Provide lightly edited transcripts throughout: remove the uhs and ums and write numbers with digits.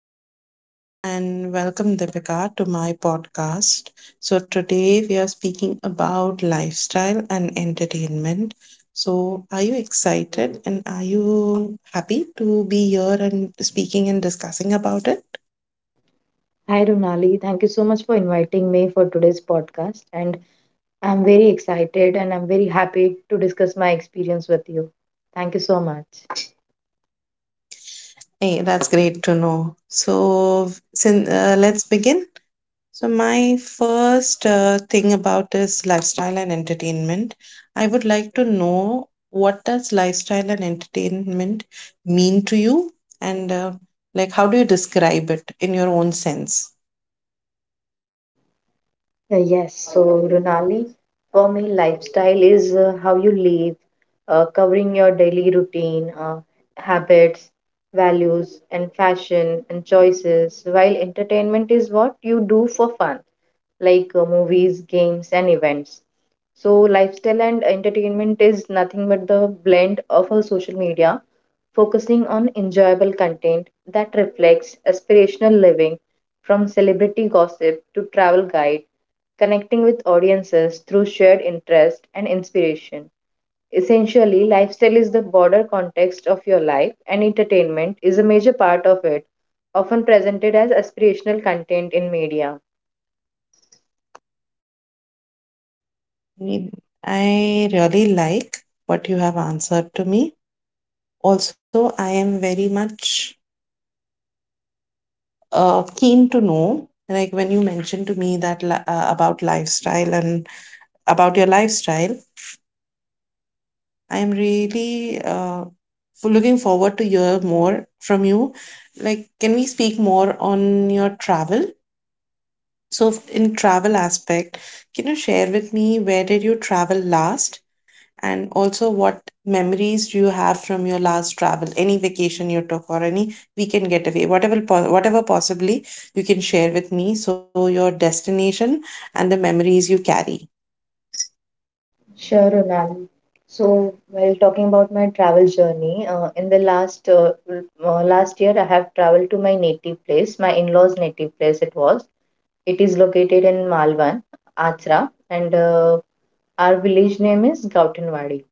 Hi everyone, and welcome Deepika to my podcast. So today we are speaking about lifestyle and entertainment. So are you excited, and are you happy to be here and speaking and discussing about it? Hi, Runali. Thank you so much for inviting me for today's podcast. And I'm very excited and I'm very happy to discuss my experience with you. Thank you so much. Hey, that's great to know. So since let's begin. So, my first thing about is lifestyle and entertainment. I would like to know what does lifestyle and entertainment mean to you, and like how do you describe it in your own sense? Yes, so Runali, for me, lifestyle is how you live, covering your daily routine, habits, values, and fashion and choices, while entertainment is what you do for fun. Like movies, games, and events. So, lifestyle and entertainment is nothing but the blend of our social media, focusing on enjoyable content that reflects aspirational living from celebrity gossip to travel guide, connecting with audiences through shared interest and inspiration. Essentially, lifestyle is the broader context of your life, and entertainment is a major part of it, often presented as aspirational content in media. Mm, I really like what you have answered to me. Also, I am very much keen to know, like when you mentioned to me that about lifestyle and about your lifestyle, I'm really looking forward to hear more from you. Like, can we speak more on your travel? So, in travel aspect, can you share with me where did you travel last, and also what memories do you have from your last travel? Any vacation you took or any weekend getaway, whatever whatever possibly you can share with me. So, your destination and the memories you carry. Sure, Runali. So, while talking about my travel journey, in the last year, I have traveled to my native place, my in-laws' native place. It was. It is located in Malvan, Achra, and our village name is Gautanwadi.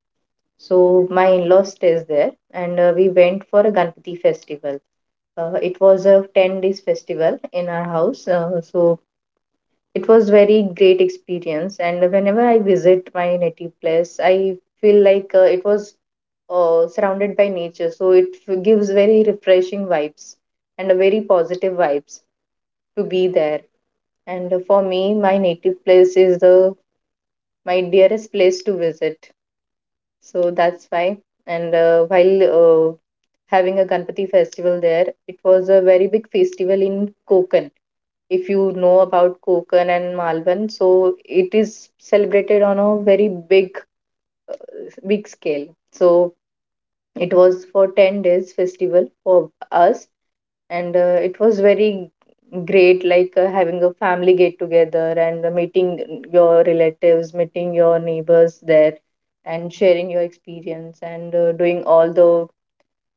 So, my in-laws stays there, and we went for a Ganpati festival. It was a 10 days festival in our house. So it was very great experience, and whenever I visit my native place, I feel like it was surrounded by nature, so it gives very refreshing vibes and a very positive vibes to be there. And for me, my native place is the my dearest place to visit. So that's why. And while having a Ganpati festival there. It was a very big festival in Konkan. If you know about Konkan and Malvan, so it is celebrated on a very big scale. So it was for 10 days festival for us, and it was very great, like having a family get together and meeting your relatives, meeting your neighbors there, and sharing your experience, and doing all the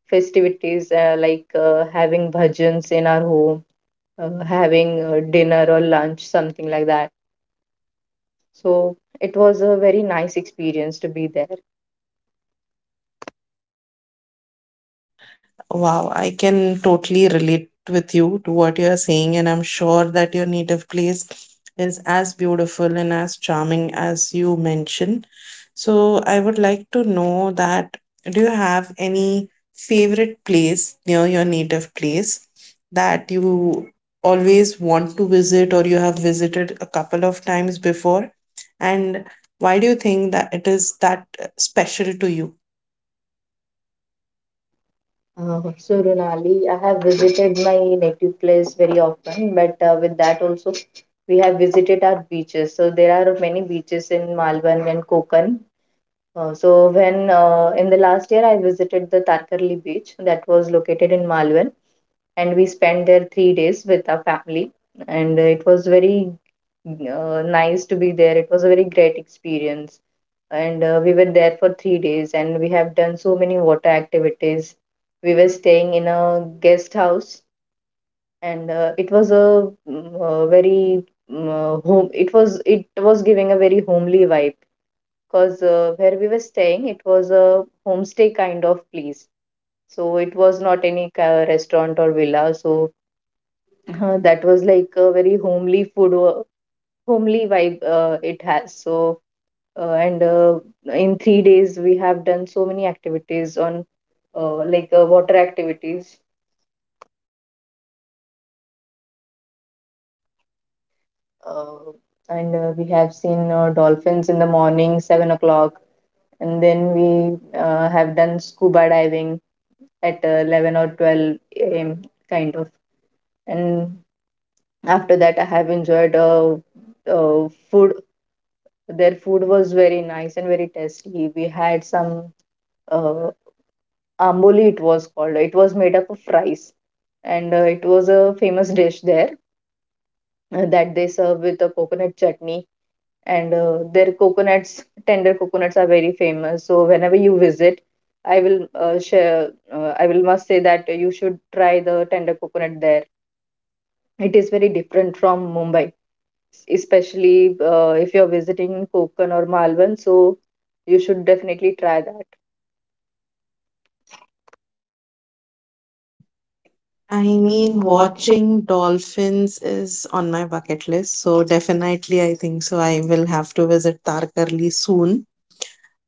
festivities, like having bhajans in our home, having dinner or lunch, something like that. So it was a very nice experience to be there. Wow, I can totally relate with you to what you're saying, and I'm sure that your native place is as beautiful and as charming as you mentioned. So, I would like to know that do you have any favorite place near your native place that you always want to visit or you have visited a couple of times before? And why do you think that it is that special to you? So Runali, I have visited my native place very often, but with that also we have visited our beaches. So there are many beaches in Malvan and Konkan. So when in the last year I visited the Tarkarli beach that was located in Malvan. And we spent there 3 days with our family, and it was very nice to be there. It was a very great experience, and we were there for 3 days, and we have done so many water activities. We were staying in a guest house, and it was a, mm, very mm, home it was, it was giving a very homely vibe because where we were staying, it was a homestay kind of place. So it was not any restaurant or villa. So that was like a very homely vibe it has. So, and in 3 days, we have done so many activities on, like water activities. Uh, and We have seen dolphins in the morning, 7 o'clock. And then we have done scuba diving at 11 or 12 a.m., kind of. And after that, I have enjoyed food. Their food was very nice and very tasty. We had some uh, amboli, it was called. It was made up of rice, and it was a famous dish there that they serve with a coconut chutney. And their coconuts, tender coconuts, are very famous. So whenever you visit, I will share. I will must say that you should try the tender coconut there. It is very different from Mumbai, especially if you're visiting Konkan or Malvan. So you should definitely try that. I I mean, mean, watching. watching dolphins is on my bucket list, so definitely I think so. I will have to visit Tarkarli soon.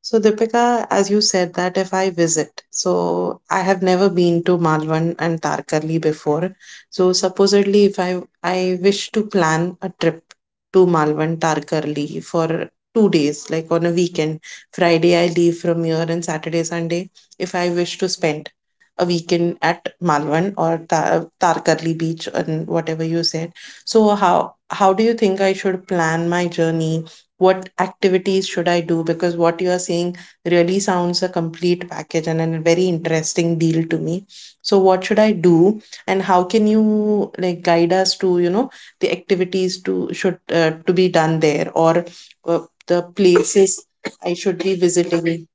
So, Deepika, as you said that if I visit, so I have never been to Malvan and Tarkarli before. So, supposedly, if I wish to plan a trip to Malvan Tarkarli for 2 days, like on a weekend. Friday I leave from here, and Saturday, Sunday, if I wish to spend a weekend at Malvan or Tarkarli beach and whatever you said. So, how do you think I should plan my journey? What activities should I do? Because what you are saying really sounds a complete package and a very interesting deal to me. So what should I do, and how can you like guide us to, you know, the activities to should to be done there, or uh, the places I should be visiting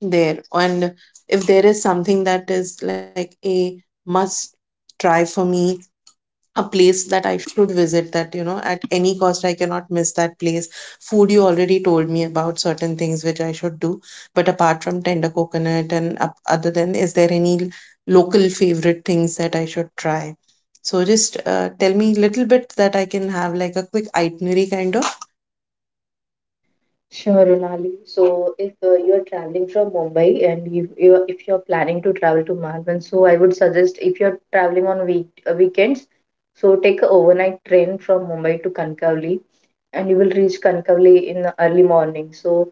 there, and if there is something that is like a must try for me, a place that I should visit that, you know, at any cost I cannot miss that place. Food you already told me about certain things which I should do, but apart from tender coconut and up, other than is there any local favorite things that I should try? So just tell me a little bit that I can have like a quick itinerary kind of. Sure, Runali. So, if you're traveling from Mumbai and you if you're planning to travel to Malvan, so I would suggest if you're traveling on weekends, so take a overnight train from Mumbai to Kankavli, and you will reach Kankavli in the early morning. So,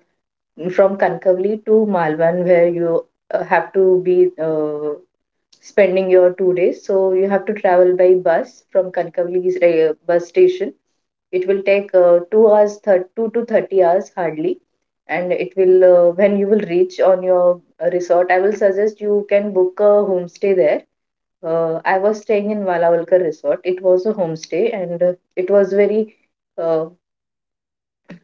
from Kankavli to Malvan, where you have to be spending your 2 days. So you have to travel by bus from Kankavli's bus station. It will take 2 hours, 2 to 30 hours hardly, and it will when you will reach on your resort. I will suggest you can book a homestay there. I was staying in Valavalkar Resort. It was a homestay, and it was very. Uh,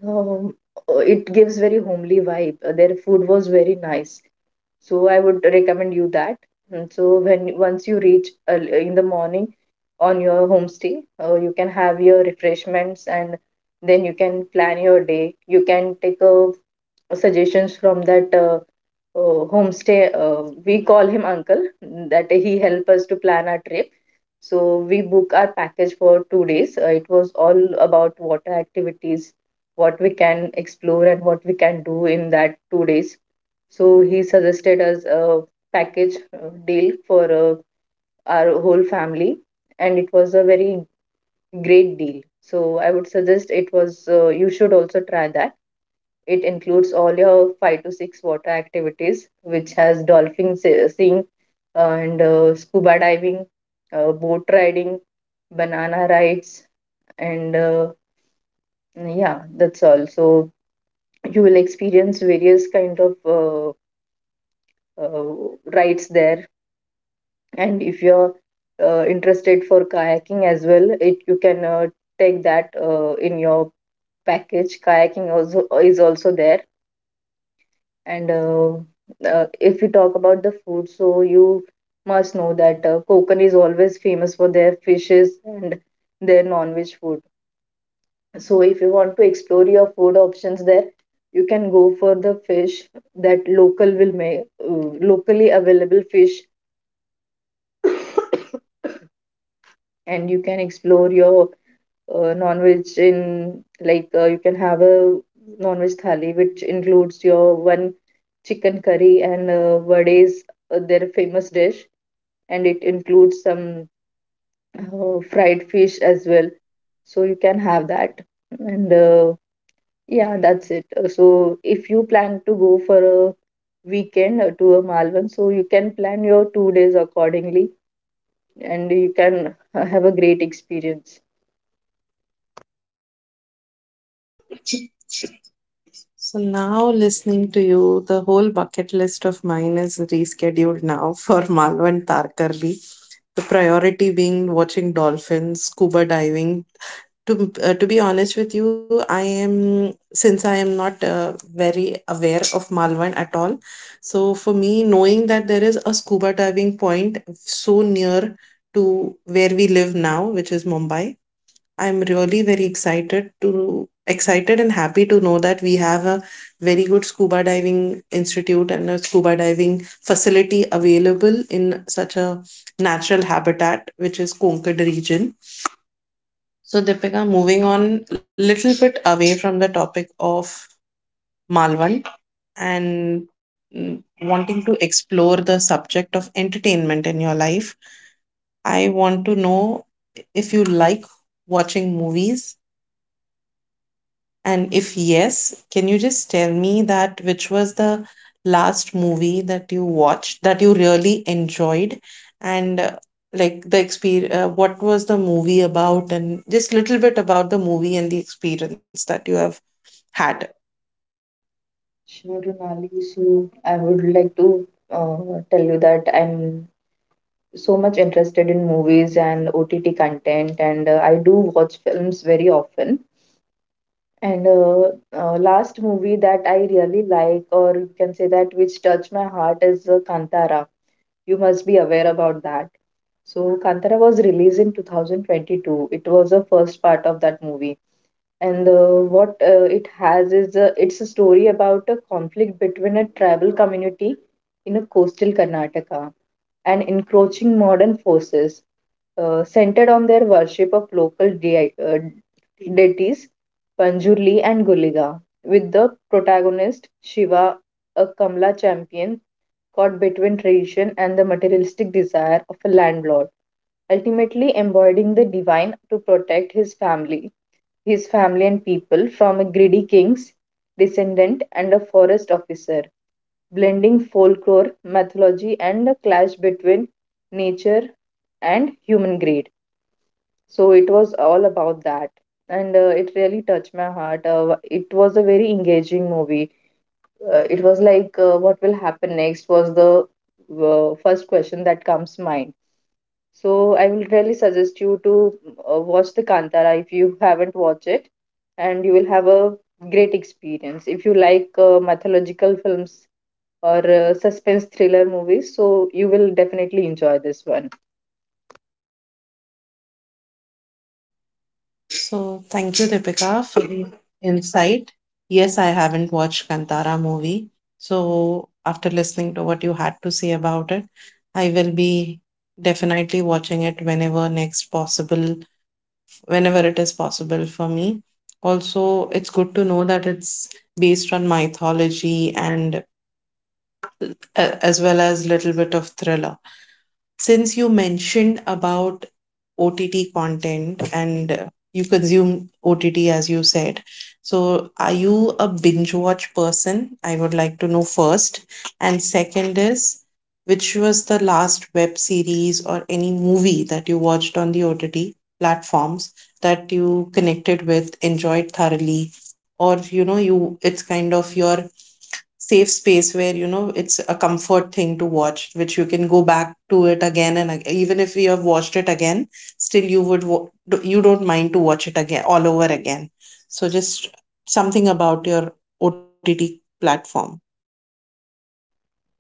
um, it gives very homely vibe. Their food was very nice, so I would recommend you that. And so when once you reach in the morning on your homestay, you can have your refreshments and then you can plan your day. You can take a suggestions from that homestay. uh, we call him uncle, that he help us to plan our trip. So we book our package for 2 days. It was all about water activities, what we can explore and what we can do in that 2 days. So he suggested us a package deal for our whole family, and it was a very great deal. So I would suggest it was, you should also try that. It includes all your 5 to 6 water activities, which has dolphin seeing, and scuba diving, boat riding, banana rides, and yeah, that's all. So you will experience various kind of uh, uh, rides there. And if you're interested for kayaking as well, it you can take that in your package. Kayaking also is also there. And if we talk about the food, so you must know that Konkan is always famous for their fishes and their non-veg food. So if you want to explore your food options there, you can go for the fish that local will make, locally available fish. And you can explore your non-veg, in like you can have a non-veg thali which includes your one chicken curry and vades, their famous dish, and it includes some fried fish as well. So you can have that. And yeah, that's it. So if you plan to go for a weekend to a Malvan, so you can plan your 2 days accordingly and you can have a great experience. So now listening to you, the whole bucket list of mine is rescheduled now for Malwa and Tarkarli. The priority being watching dolphins, scuba diving. To be honest with you, I am, since I am not very aware of Malwan at all. So for me, knowing that there is a scuba diving point so near to where we live now, which is Mumbai, I'm really very excited to excited and happy to know that we have a very good scuba diving institute and a scuba diving facility available in such a natural habitat, which is Konkad region. So Deepika, moving on little bit away from the topic of Malvan and, mm, wanting to explore the subject of entertainment in your life, I want to know if you like watching movies. And if yes, can you just tell me that which was the last movie that you watched that you really enjoyed and like the experience, what was the movie about, and just little bit about the movie and the experience that you have had. Sure, Runali. So I would like to tell you that I'm so much interested in movies and OTT content, and I do watch films very often. And Last movie that I really like, or you can say that which touched my heart, is Kantara. You must be aware about that. So Kantara was released in 2022. It was the first part of that movie, and what it has is it's a story about a conflict between a tribal community in a coastal Karnataka and encroaching modern forces, centered on their worship of local deities Panjurli and Guliga, with the protagonist Shiva, a Kamla champion caught between tradition and the materialistic desire of a landlord, ultimately embodying the divine to protect his family and people from a greedy king's descendant and a forest officer, blending folklore, mythology, and a clash between nature and human greed. So it was all about that. And it really touched my heart. It was a very engaging movie. It was like, what will happen next was the first question that comes mind. So I will really suggest you to watch the Kantara if you haven't watched it, and you will have a great experience. If you like mythological films or suspense thriller movies, so you will definitely enjoy this one. So thank you, Deepika, for the insight. Yes, I haven't watched Kantara movie. So after listening to what you had to say about it, I will be definitely watching it whenever next possible whenever it is possible for me. Also, it's good to know that it's based on mythology and, as well as little bit of thriller. Since you mentioned about OTT content and you consume OTT, as you said, so are you a binge watch person? I would like to know first. And second is, which was the last web series or any movie that you watched on the OTT platforms that you connected with, enjoyed thoroughly, or, you know, you it's kind of your safe space where, you know, it's a comfort thing to watch, which you can go back to it again even if you have watched it again, still you would you don't mind to watch it again all over again. So just something about your OTT platform.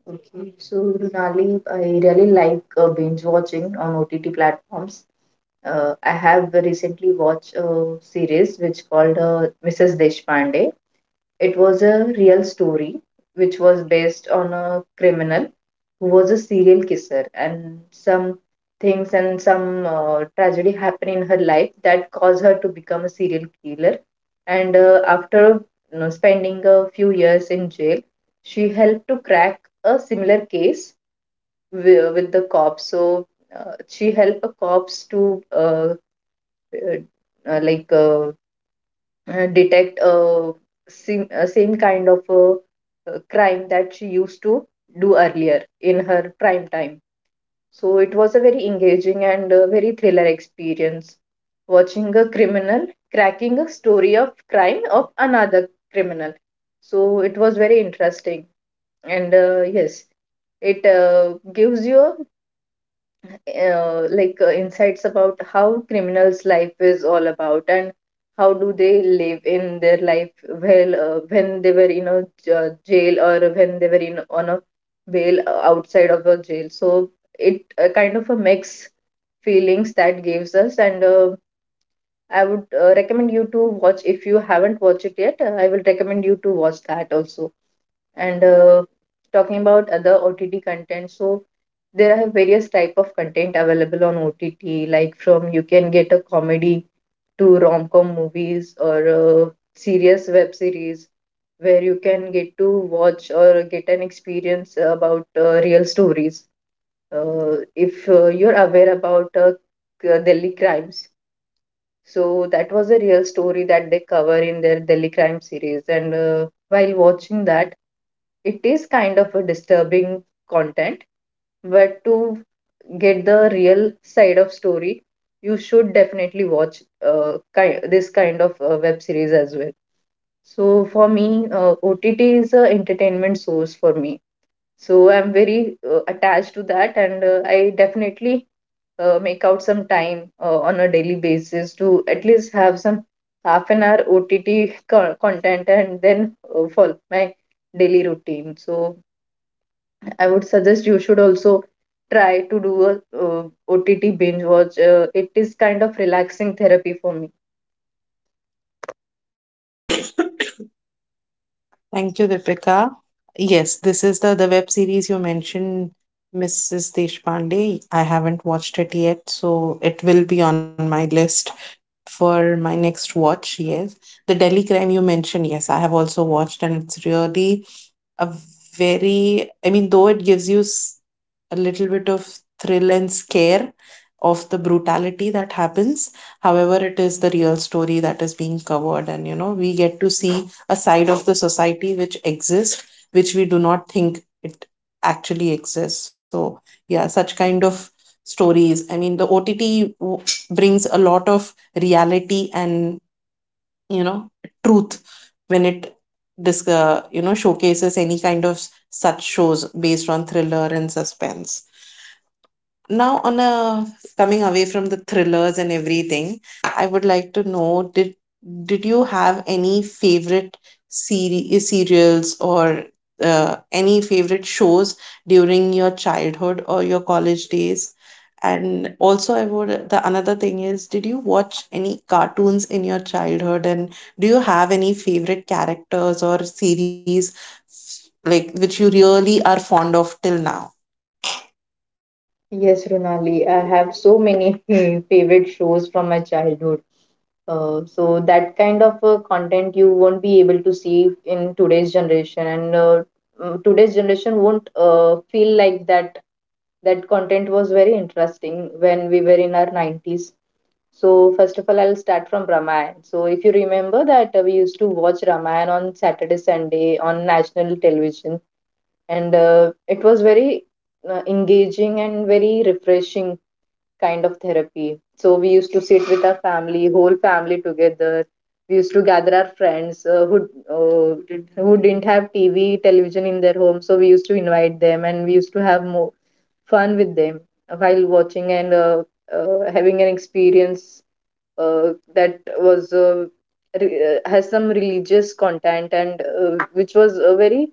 Okay, so Runali, I really like binge watching on OTT platforms. I have recently watched a series which called Mrs. Deshpande. It was a real story which was based on a criminal who was a serial kisser, and some things and some tragedy happened in her life that caused her to become a serial killer. And after you know, spending a few years in jail, she helped to crack a similar case with the cops. So she helped the cops to uh, like detect a same kind of a, crime that she used to do earlier in her prime time. So it was a very engaging and very thriller experience, watching a criminal cracking a story of crime of another criminal. So it was very interesting, and yes, it gives you a insights about how criminals' life is all about, and how do they live in their life well when they were in a jail, or when they were in on a bail outside of a jail. So it kind of a mix feelings that gives us. And uh, I would recommend you to watch if you haven't watched it yet. I will recommend you to watch that also. And talking about other OTT content, so there are various type of content available on OTT. Like from you can get a comedy to rom-com movies, or serious web series where you can get to watch or get an experience about real stories. If you're aware about Delhi crimes, so that was a real story that they cover in their Delhi crime series. And while watching that, it is kind of a disturbing content, but to get the real side of story, you should definitely watch this kind of web series as well. So for me, OTT is a entertainment source for me, so I'm very attached to that, and I definitely make out some time on a daily basis to at least have some half an hour OTT content, and then follow my daily routine. So I would suggest you should also try to do a OTT binge watch. It is kind of relaxing therapy for me. Thank you, Deepika. Yes, this is the web series you mentioned, Mrs. Deshpande. I haven't watched it yet, so it will be on my list for my next watch. Yes, the Delhi crime you mentioned, yes, I have also watched, and it's really a very, I mean, though it gives you a little bit of thrill and scare of the brutality that happens. However, it is the real story that is being covered, and you know, we get to see a side of the society which exists, which we do not think it actually exists. So yeah, such kind of stories, I mean, the OTT brings a lot of reality and, you know, truth when it you know, showcases any kind of such shows based on thriller and suspense. Now, on a coming away from the thrillers and everything, I would like to know, did you have any favorite series, serials, or any favorite shows during your childhood or your college days? And also, I would the another thing is, did you watch any cartoons in your childhood, and do you have any favorite characters or series like which you really are fond of till now? Yes, Runali, I have so many favorite shows from my childhood. So that kind of content you won't be able to see in today's generation, and today's generation won't feel like that. That content was very interesting when we were in our 90s. So first of all, I'll start from Ramayan. So if you remember that, we used to watch Ramayan on Saturday, Sunday on national television, and it was very engaging and very refreshing kind of therapy. So we used to sit with our family, whole family together. We used to gather our friends uh, who didn't have TV television in their home, so we used to invite them and we used to have more fun with them while watching, and having an experience that has some religious content, and which was a very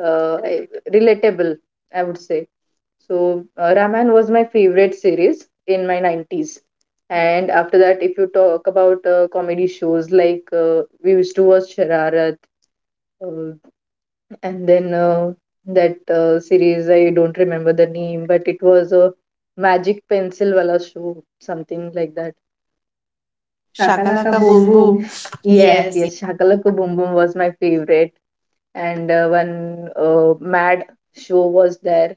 relatable, I would say. So, Raman was my favorite series in my 90s. And after that, if you talk about comedy shows, like we used to watch Shararat, uh, and then that series, I don't remember the name, but it was a magic pencil wala show, something like that. Shakalaka Shakalaka Boom Boom Boom. Boom. Yes, yes, Shakalaka Boom Boom was my favorite, and one mad show was there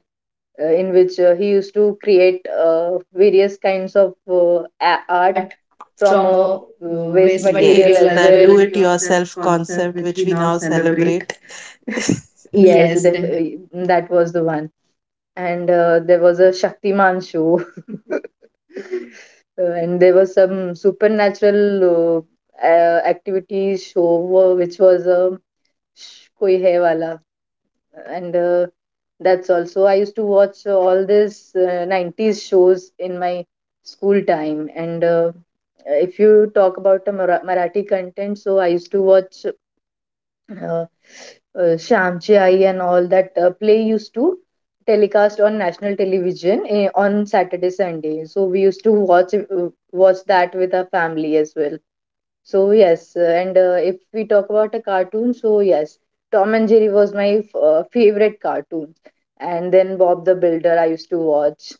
in which he used to create various kinds of art Art from from a waste. Yes, waste. Yes, material. material, Yes, as as that do that well. well, Do it yourself do-it-yourself concept, concept which we which we now now celebrate. celebrate. Yes, Yes. the, that was the one. And there was a Shaktiman show. And there was some supernatural activity show which was a Koi Hai Wala. And That's also, I used to watch all this 90s shows in my school time. And if you talk about the marathi content, so I used to watch uh, uh, Shamchi Ai and all that play used to telecast on national television, eh, on Saturday, Sunday, so we used to watch, watch that with our family as well. So yes, and if we talk about a cartoon, so yes, Tom and Jerry was my favorite cartoon, and then Bob the Builder I used to watch,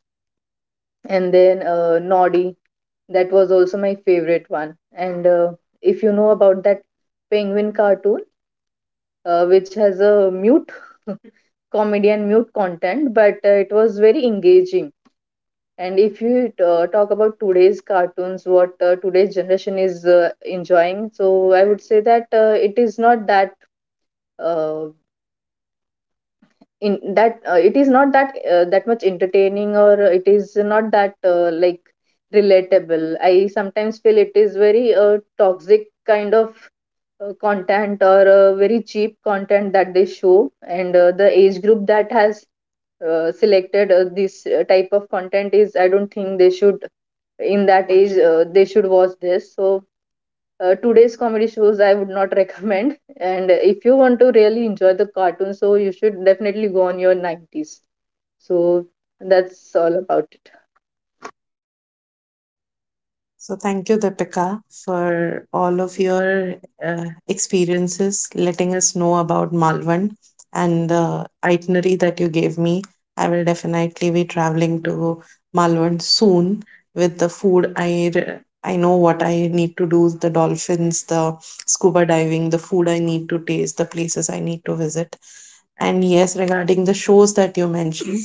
and then Noddy, that was also my favorite one. And if you know about that penguin cartoon, which has a mute comedy and mute content, but it was very engaging. And if you talk about today's cartoons, what today's generation is enjoying, so I would say that it is not that uh, in that it is not that that much entertaining, or it is not that relatable. I sometimes feel it is very toxic kind of content, or very cheap content that they show. And the age group that has selected this type of content, is, I don't think they should, in that age they should watch this. So today's comedy shows I would not recommend. And if you want to really enjoy the cartoon, so you should definitely go on your 90s. So that's all about it. So, thank you, Deepika, for all of your experiences, letting us know about Malvan and the itinerary that you gave me. I will definitely be traveling to Malvan soon. With the food, I know what I need to do: the dolphins, the scuba diving, the food I need to taste, the places I need to visit. And yes, regarding the shows that you mentioned,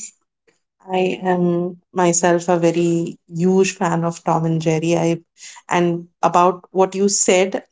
I am myself a very huge fan of Tom and Jerry. I, and about what you said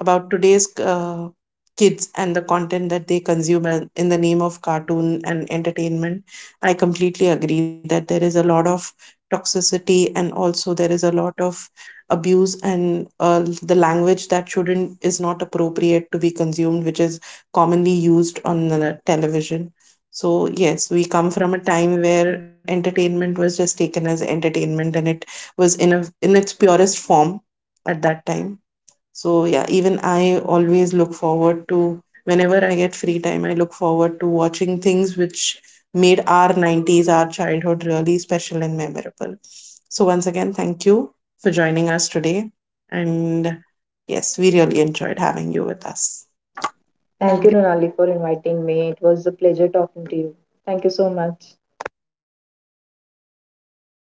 about today's kids and the content that they consume and- in the name of cartoon and entertainment. I completely agree that there is a lot of toxicity, and also there is a lot of abuse and, the language that shouldn't is not appropriate to be consumed, which is commonly used on the television. So yes, we come from a time where entertainment was just taken as entertainment, and it was in a, in its purest form at that time. So yeah, even I always look forward to whenever I get free time, I look forward to watching things which made our 90s, our childhood really special and memorable. So once again, thank you for joining us today. And yes, we really enjoyed having you with us. Thank you, Runali, for inviting me. It was a pleasure talking to you. Thank you so much.